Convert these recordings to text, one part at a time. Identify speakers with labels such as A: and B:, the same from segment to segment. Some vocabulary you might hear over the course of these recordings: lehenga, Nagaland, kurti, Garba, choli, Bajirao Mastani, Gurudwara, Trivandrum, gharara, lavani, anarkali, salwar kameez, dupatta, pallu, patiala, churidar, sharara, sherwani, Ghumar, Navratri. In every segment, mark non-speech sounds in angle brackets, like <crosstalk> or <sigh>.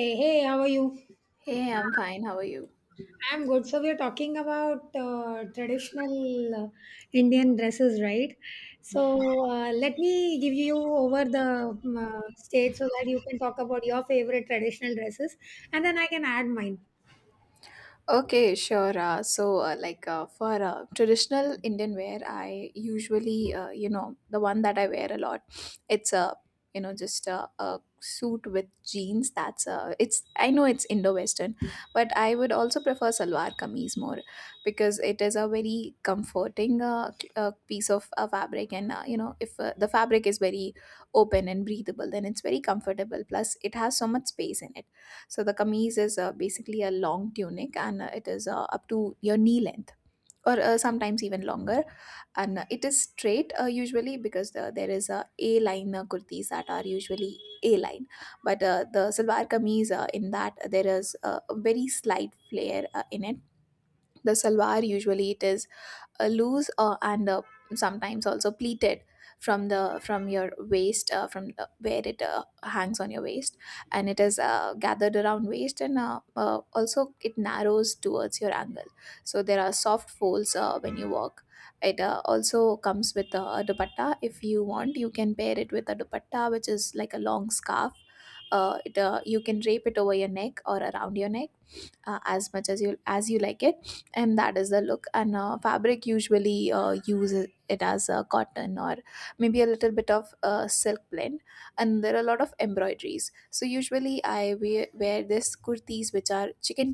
A: Hey, hey, how are you?
B: Hey, I'm fine. How are you?
A: I'm good. So, we're talking about traditional Indian dresses, right? So, let me give you over the stage so that you can talk about your favorite traditional dresses, and then I can add mine.
B: Okay, sure. So, like for traditional Indian wear, I usually, you know, the one that I wear a lot, it's just a suit with jeans. I know it's Indo-Western, but I would also prefer salwar kameez more because it is a very comforting piece of fabric. If the fabric is very open and breathable, then it's very comfortable. Plus, it has so much space in it. So the kameez is basically a long tunic and it is up to your knee length or sometimes even longer. And it is straight usually because there is a A line kurtis that are usually A line. But the salwar kameez in that there is a very slight flare in it. The salwar, usually it is loose and sometimes also pleated from your waist, where it hangs on your waist, and it is gathered around waist, and also it narrows towards your ankle, so there are soft folds when you walk. It also comes with a dupatta. If you want, you can pair it with a dupatta, which is like a long scarf. You can drape it over your neck or around your neck as much as you like it, and that is the look. And fabric usually uses it as cotton or maybe a little bit of silk blend, and there are a lot of embroideries. So usually I wear this kurtis which are chicken,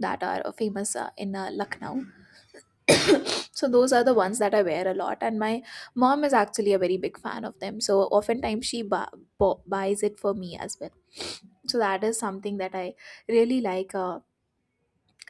B: that are famous in Lucknow. <coughs> So those are the ones that I wear a lot, and my mom is actually a very big fan of them, so oftentimes she buys it for me as well. So that is something that I really like.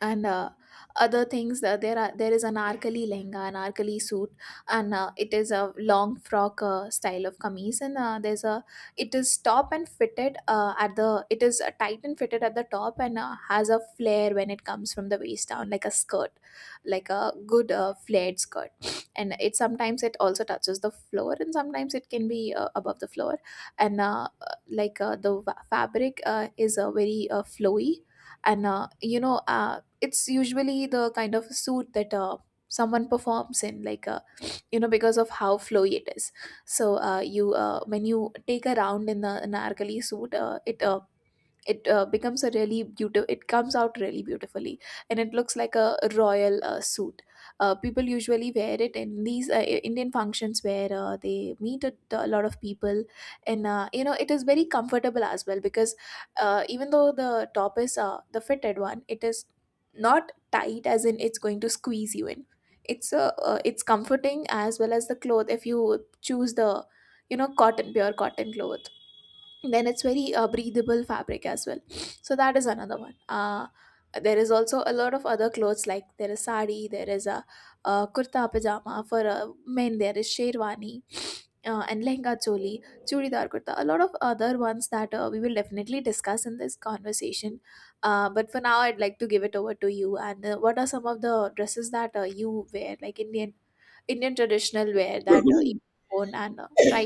B: And Other things that there are, there is anarkali lehenga, anarkali suit. And it is a long frock style of kameez, and there's a it is top and fitted uh, at the it is tight and fitted at the top, and has a flare when it comes from the waist down, like a skirt, like a good flared skirt. And it sometimes it also touches the floor, and sometimes it can be above the floor. And like The fabric is very flowy, and it's usually the kind of suit that someone performs in, like because of how flowy it is. So you when you take a round in the narkali suit, it it becomes a really beautiful — it comes out really beautifully, and it looks like a royal suit. People usually wear it in these Indian functions where they meet a lot of people. And it is very comfortable as well, because even though the top is the fitted one, it is not tight as in it's going to squeeze you in. It's comforting as well. As the cloth, if you choose the cotton, pure cotton cloth, then it's very breathable fabric as well. So that is another one. There is also a lot of other clothes, like there is sari, there is kurta pajama for men, there is sherwani and lehenga choli, churidar kurta, a lot of other ones that we will definitely discuss in this conversation. But for now, I'd like to give it over to you. And what are some of the dresses that you wear, like Indian traditional wear, that you
A: <laughs> <clears throat>
B: own and try?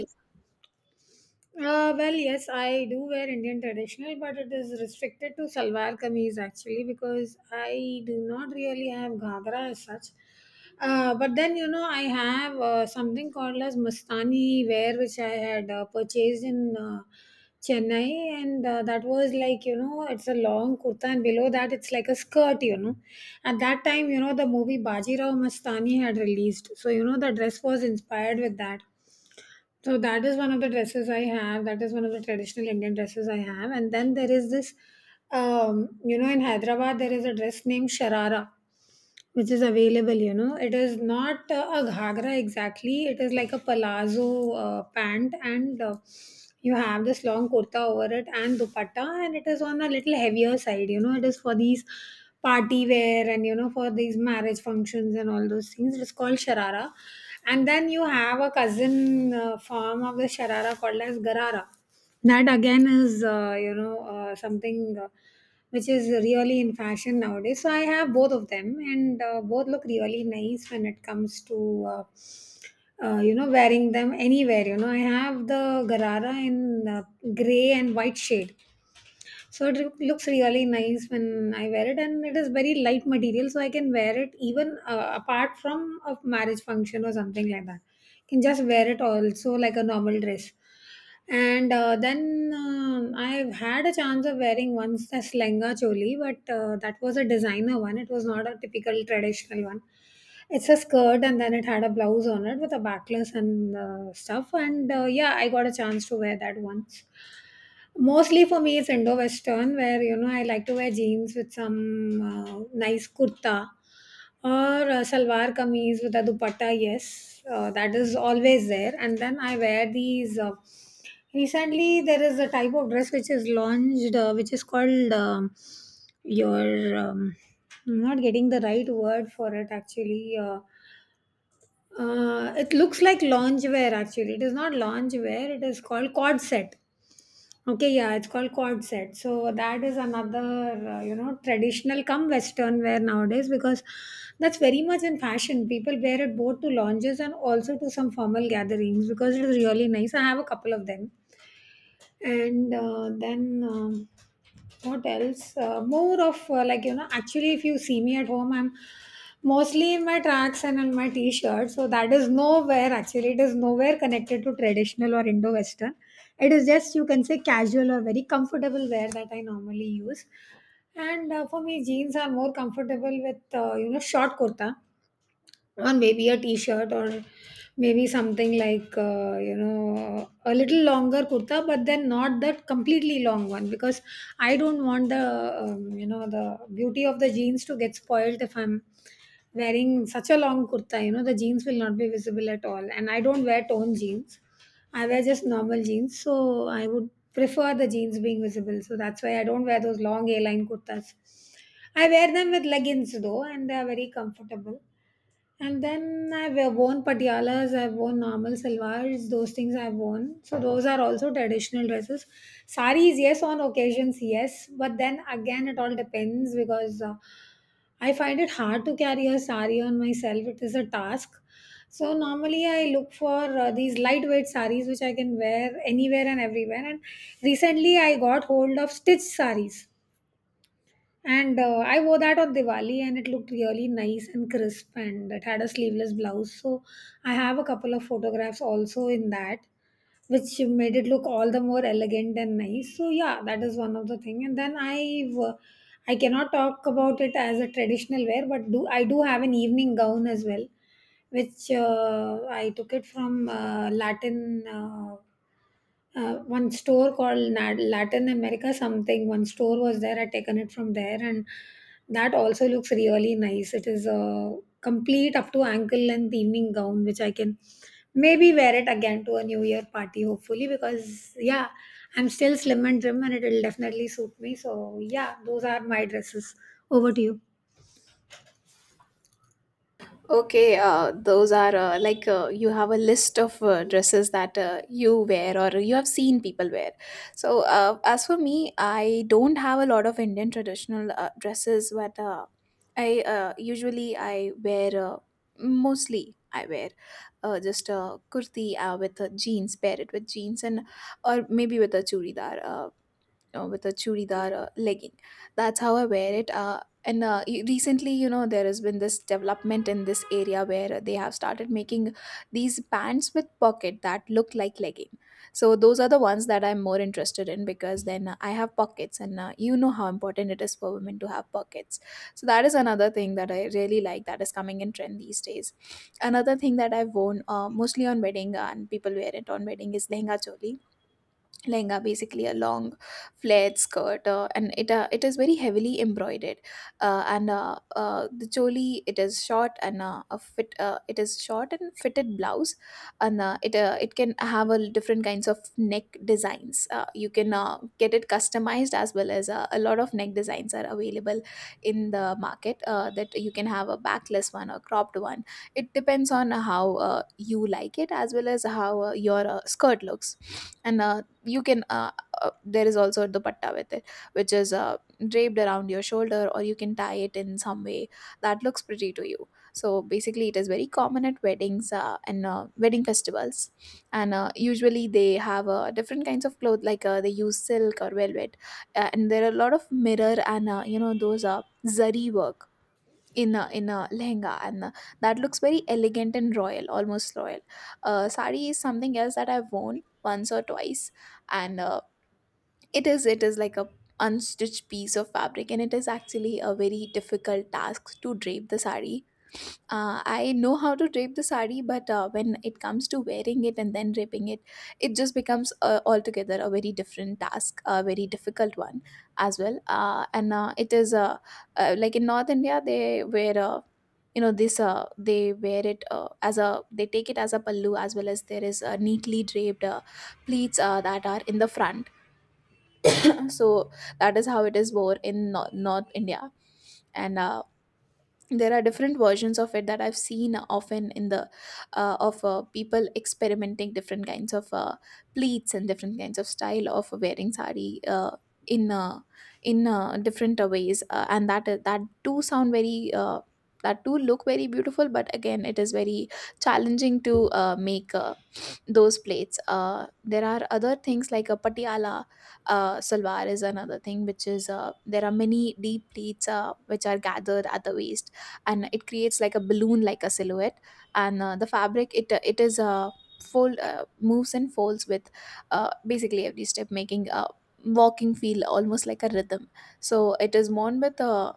A: Well, yes, I do wear Indian traditional, but it is restricted to salwar kameez actually, because I do not really have ghagra as such. But then you know I have something called as mastani wear, which I had purchased in Chennai, and that was like you know it's a long kurta, and below that it's like a skirt, you know. At that time, you know the movie Bajirao Mastani had released, so you know the dress was inspired with that, so that is one of the dresses I have. That is one of the traditional Indian dresses I have. And then there is this, you know, in Hyderabad there is a dress named sharara, which is available. You know, it is not a ghagra exactly. It is like a palazzo pant, and you have this long kurta over it and dupatta, and it is on a little heavier side. You know, it is for these party wear and you know for these marriage functions and all those things. It is called sharara, and then you have a cousin form of the sharara called as garara. That again is, you know, something which is really in fashion nowadays. So I have both of them, and both look really nice when it comes to, uh, you know, wearing them anywhere. You know, I have the garara in gray and white shade, so it looks really nice when I wear it, and it is very light material, so I can wear it even apart from a marriage function or something like that. Can just wear it also like a normal dress. And then I've had a chance of wearing once the slenga choli, but that was a designer one. It was not a typical traditional one. It's a skirt, and then it had a blouse on it with a backless and stuff. And yeah, I got a chance to wear that once. Mostly for me, it's Indo-Western, where you know I like to wear jeans with some nice kurta, or salwar kameez with a dupatta. Yes, that is always there. And then I wear these. Recently, there is a type of dress which is launched, which is called your. I'm not getting the right word for it actually. It looks like loungewear actually. It is not loungewear. It is called cord set. Okay, yeah, it's called cord set. So that is another, you know, traditional come Western wear nowadays, because that's very much in fashion. People wear it both to lounges and also to some formal gatherings because it is really nice. I have a couple of them, and then what else, more of, like you know, actually if you see me at home, I'm mostly in my tracks and in my t-shirt, so that is nowhere actually, it is nowhere connected to traditional or Indo-Western. It is just, you can say, casual or very comfortable wear that I normally use. And for me jeans are more comfortable with you know short kurta, or maybe a t-shirt, or maybe something like you know a little longer kurta, but then not that completely long one, because I don't want the you know the beauty of the jeans to get spoiled if I'm wearing such a long kurta. You know the jeans will not be visible at all, and I don't wear torn jeans. I wear just normal jeans, so I would prefer the jeans being visible. So that's why I don't wear those long A-line kurtas. I wear them with leggings though, and they are very comfortable. And then I've worn patialas, I've worn normal salwars, those things I've worn. So those are also traditional dresses. Saris, yes, on occasions, yes. But then again, it all depends because I find it hard to carry a sari on myself. It is a task. So normally I look for these lightweight saris which I can wear anywhere and everywhere. And recently I got hold of stitched saris, and I wore that on Diwali, and it looked really nice and crisp, and it had a sleeveless blouse. So I have a couple of photographs also in that, which made it look all the more elegant and nice. So yeah, that is one of the thing. And then I've I cannot talk about it as a traditional wear, but do I do have an evening gown as well, which I took it from Latin. One store called Latin America something. One store was there. I taken it from there, and that also looks really nice. It is a complete up to ankle length evening gown, which I can maybe wear it again to a New Year party, hopefully. Because yeah, I'm still slim and trim, and it will definitely suit me. So yeah, those are my dresses. Over to you.
B: Okay, those are you have a list of dresses that you wear or you have seen people wear. So, as for me, I don't have a lot of Indian traditional dresses, but I usually I wear mostly I wear just a kurti with jeans, pair it with jeans, and or maybe with a churidar. With a churidar legging. That's how I wear it. Recently, you know, there has been this development in this area where they have started making these pants with pocket that look like legging. So those are the ones that I'm more interested in, because then I have pockets, and you know how important it is for women to have pockets. So that is another thing that I really like that is coming in trend these days. Another thing that I've worn mostly on wedding and people wear it on wedding is lehenga choli. Lehenga, basically a long flared skirt, and it is very heavily embroidered. And The choli, it is short and fitted blouse, and it can have a different kinds of neck designs. You can get it customized, as well as a lot of neck designs are available in the market that you can have a backless one or cropped one. It depends on how you like it, as well as how your skirt looks. And you can There is also dupatta with it, which is draped around your shoulder, or you can tie it in some way that looks pretty to you. So basically it is very common at weddings and wedding festivals, and usually they have different kinds of clothes, like they use silk or velvet. And there are a lot of mirror and those zari work in a lehenga, and that looks very elegant and royal, almost royal. Sari is something else that I've worn once or twice. And It is, it is like a unstitched piece of fabric, and it is actually a very difficult task to drape the sari. I know how to drape the sari, but when it comes to wearing it and then draping it, it just becomes altogether a very different task, a very difficult one as well. And it is Like in North India, they wear a, you know this they wear it as a, they take it as a pallu, as well as there is neatly draped pleats that are in the front. <clears throat> So that is how it is worn in North India. And there are different versions of it that I've seen often in the of people experimenting different kinds of pleats and different kinds of style of wearing sari in uh, in different ways. Uh, and that that do sound very that do look very beautiful, but again it is very challenging to make those plates. There are other things like a patiala salwar is another thing, which is there are many deep pleats which are gathered at the waist, and it creates like a balloon, like a silhouette. And the fabric, it it is fold moves and folds with basically every step, making walking feel almost like a rhythm. So it is worn with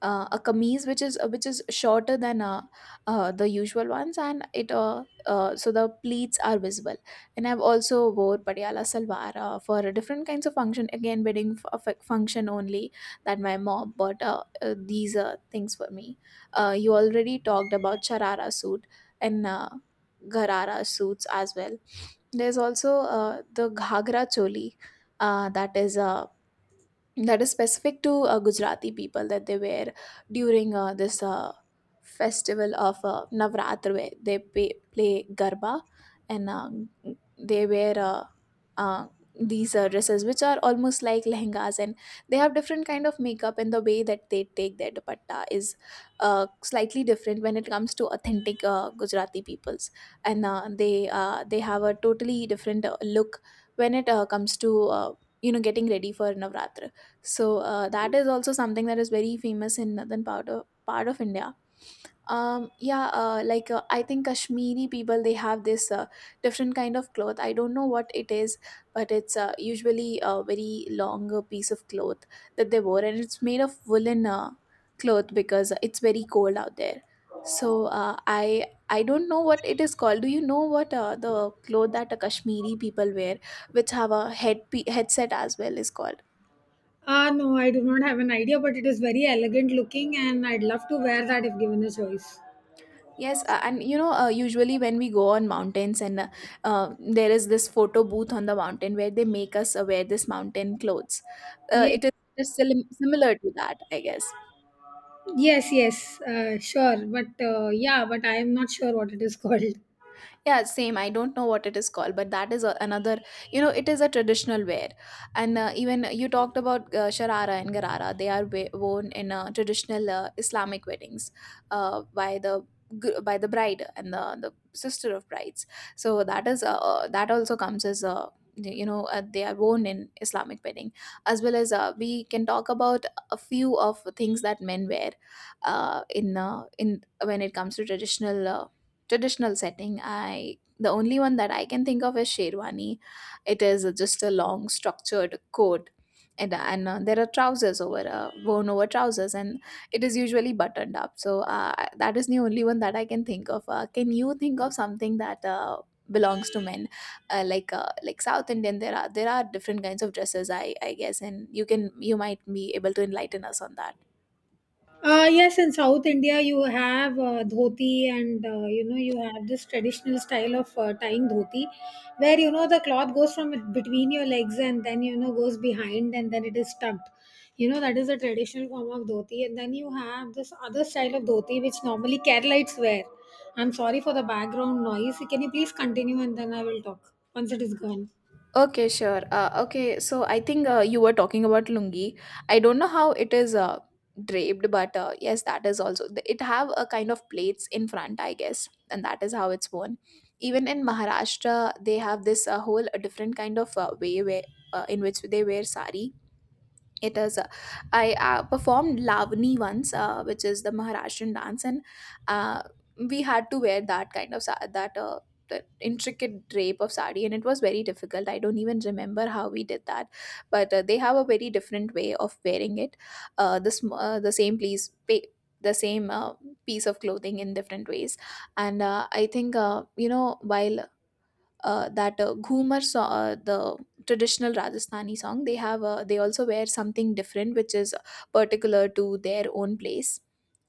B: a kameez which is shorter than the usual ones, and it so the pleats are visible. And I've also wore patiala salwar for different kinds of function, again wedding function only, that my mom bought these things for me. You already talked about sharara suit and gharara suits as well. There's also the ghagra choli uh, that is uh, that is specific to Gujarati people, that they wear during this festival of Navratri, where they play Garba. And they wear uh, these dresses which are almost like lehengas, and they have different kind of makeup, and the way that they take their dupatta is slightly different when it comes to authentic Gujarati peoples. And uh, they uh, they have a totally different look when it comes to getting ready for Navratri. So that is also something that is very famous in northern part of India. Yeah, I think Kashmiri people, they have this different kind of cloth. I don't know what it is, but it's usually a very long piece of cloth that they wore, and it's made of woolen cloth because it's very cold out there. So I don't know what it is called. Do you know what the cloth that Kashmiri people wear, which have a headset as well, is called?
A: Ah, no, I do not have an idea, but it is very elegant looking, and I'd love to wear that if given a choice.
B: Yes, and usually when we go on mountains, and there is this photo booth on the mountain where they make us wear this mountain clothes. Uh, it is
A: Yes.
B: it is similar to that, I guess.
A: Yes, yes, sure. But yeah, but I am not sure what it is <laughs> called.
B: Yeah, same. I don't know what it is called, but that is a, another, you know, it is a traditional wear. And even you talked about sharara and garara. They are worn in traditional Islamic weddings by the by the bride and the sister of brides. So that is that also comes as a they are worn in Islamic wedding as well as we can talk about a few of things that men wear in when it comes to traditional setting. I the only one that I can think of is sherwani. It is just a long structured coat, and there are trousers over worn over trousers and it is usually buttoned up. So that is the only one that I can think of. Uh, can you think of something that belongs to men, like south Indian, there are different kinds of dresses, I guess, and you can, you might be able to enlighten us on that.
A: Yes, in South India, you have dhoti, and you know you have this traditional style of tying dhoti, where you know the cloth goes from between your legs, and then you know goes behind, and then it is tucked. You know that is a traditional form of dhoti, and then you have this other style of dhoti which normally Keralites wear. I'm sorry for the background noise. Can you please continue and then I will talk once it is gone.
B: Okay, sure. Okay, so I think you were talking about lungi. I don't know how it is draped, but yes, that is also, it have a kind of plates in front, I guess, and that is how it's worn. Even in Maharashtra, they have this whole different kind of way where in which they wear sari. It is. Uh, I uh, performed lavani once, which is the Maharashtrian dance, and uh, we had to wear that kind of sa- that. That intricate drape of sari, and it was very difficult. I don't even remember how we did that, but they have a very different way of wearing it, the same the same piece of clothing in different ways. And I think you know, while that Ghumar, the traditional Rajasthani song, they have they also wear something different which is particular to their own place.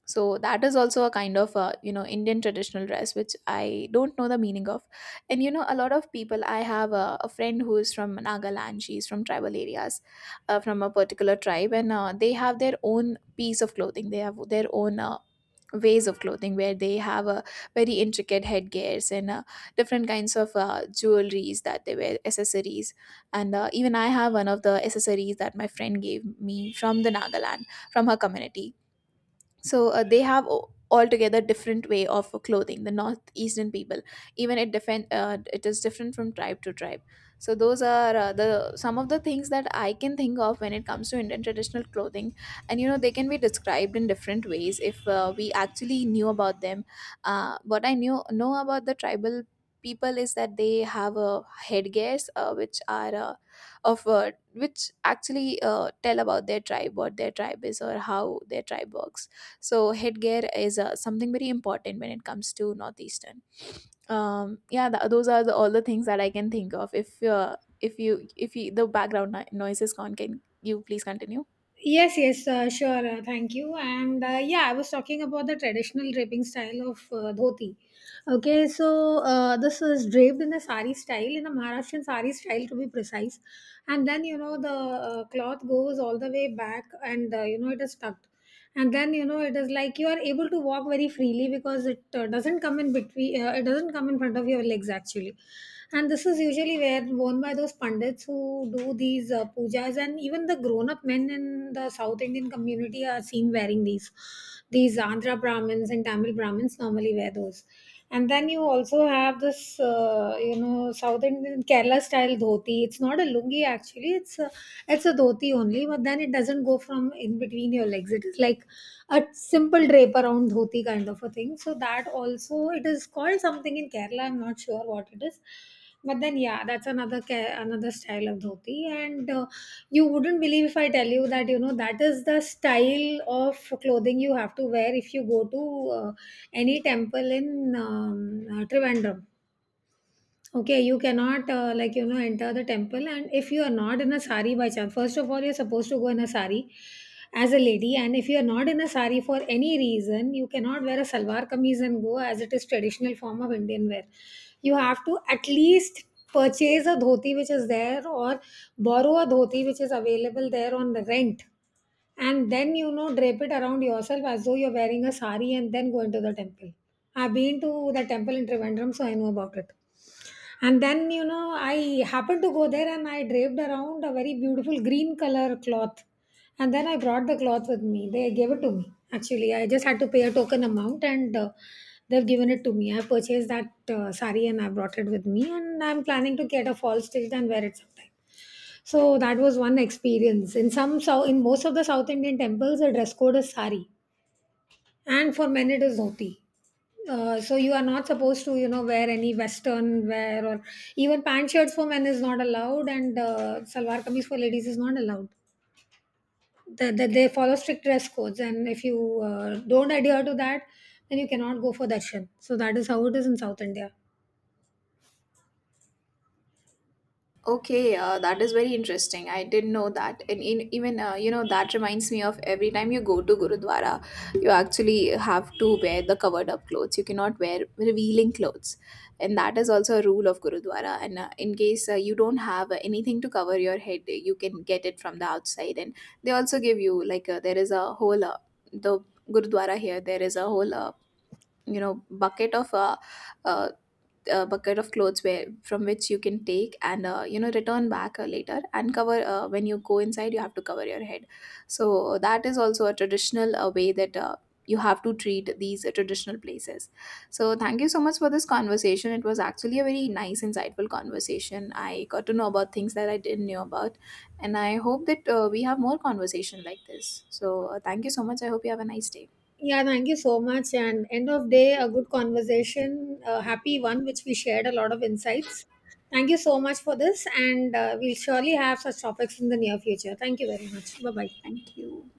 B: So that is also a kind of you know, Indian traditional dress which I don't know the meaning of. And you know, a lot of people, I have a friend who is from Nagaland. She's from tribal areas, from a particular tribe, and they have their own piece of clothing, they have their own ways of clothing where they have a very intricate headgears and different kinds of jewelries that they wear, accessories. And even I have one of the accessories that my friend gave me from the Nagaland, from her community. So they have altogether different way of clothing, the northeastern people. Even it is different from tribe to tribe. So those are the some of the things that I can think of when it comes to Indian traditional clothing. And you know, they can be described in different ways if we actually knew about them. Uh, what i knew know about the tribal people is that they have a headgears which are of which actually tell about their tribe, what their tribe is or how their tribe works. So headgear is something very important when it comes to northeastern. Yeah, those are the, all the things that I can think of. If you, the background noise is gone, can you please continue?
A: Yes, yes, sure. Thank you. And yeah, I was talking about the traditional draping style of dhoti. Okay, so this is draped in a sari style, in a Maharashtrian sari style to be precise, and then you know the cloth goes all the way back, and you know it is tucked, and then you know it is like you are able to walk very freely, because it doesn't come in between, it doesn't come in front of your legs actually. And this is usually where worn by those pandits who do these pujas, and even the grown up men in the South Indian community are seen wearing these. These Andhra Brahmins and Tamil Brahmins normally wear those. And then you also have this you know South Indian Kerala style dhoti. It's not a lungi actually. It's a dhoti only, but then it doesn't go from in between your legs. It is like a simple drape around dhoti kind of a thing. So that also, it is called something in Kerala. I'm not sure what it is, but then yeah, that's another another style of dhoti. And you wouldn't believe if I tell you that you know that is the style of clothing you have to wear if you go to uh, any temple in Trivandrum. Okay, you cannot like you know enter the temple, and if you are not in a sari by chance, first of all, you're supposed to go in a sari as a lady, and if you are not in a sari for any reason, you cannot wear a salwar kameez and go, as it is traditional form of Indian wear. You have to at least purchase a dhoti which is there, or borrow a dhoti which is available there on the rent, and then you know drape it around yourself as though you're wearing a sari, and then go into the temple. I've been to the temple in Trivandrum, so I know about it. And then, you know, I happened to go there and I draped around a very beautiful green color cloth. And then I brought the cloth with me. They gave it to me. Actually, I just had to pay a token amount, and they've given it to me. I purchased that sari and I brought it with me. And I'm planning to get a fall stitched and wear it sometime. So that was one experience. In some, south, in most of the South Indian temples, the dress code is sari, and for men it is dhoti. So you are not supposed to, you know, wear any Western wear, or even pant shirts for men is not allowed, and salwar kameez for ladies is not allowed. They follow strict dress codes, and if you don't adhere to that, then you cannot go for darshan. So that is how it is in South India.
B: Okay, that is very interesting. I didn't know that. And in, even, you know, that reminds me of every time you go to Gurudwara, you actually have to wear the covered up clothes. You cannot wear revealing clothes. And that is also a rule of Gurudwara. And in case you don't have anything to cover your head, you can get it from the outside. And they also give you, like, there is a whole, the Gurudwara here, there is a whole, you know, uh, bucket of clothes where from which you can take and you know, return back later, and cover when you go inside you have to cover your head. So that is also a traditional way that you have to treat these traditional places. So thank you so much for this conversation. It was actually a very nice insightful conversation. I got to know about things that I didn't know about, and I hope that we have more conversation like this. So thank you so much. I hope you have a nice day.
A: Yeah, thank you so much, and end of day, a good conversation, a happy one, which we shared a lot of insights. Thank you so much for this, and we'll surely have such topics in the near future. Thank you very much, bye bye.
B: Thank you.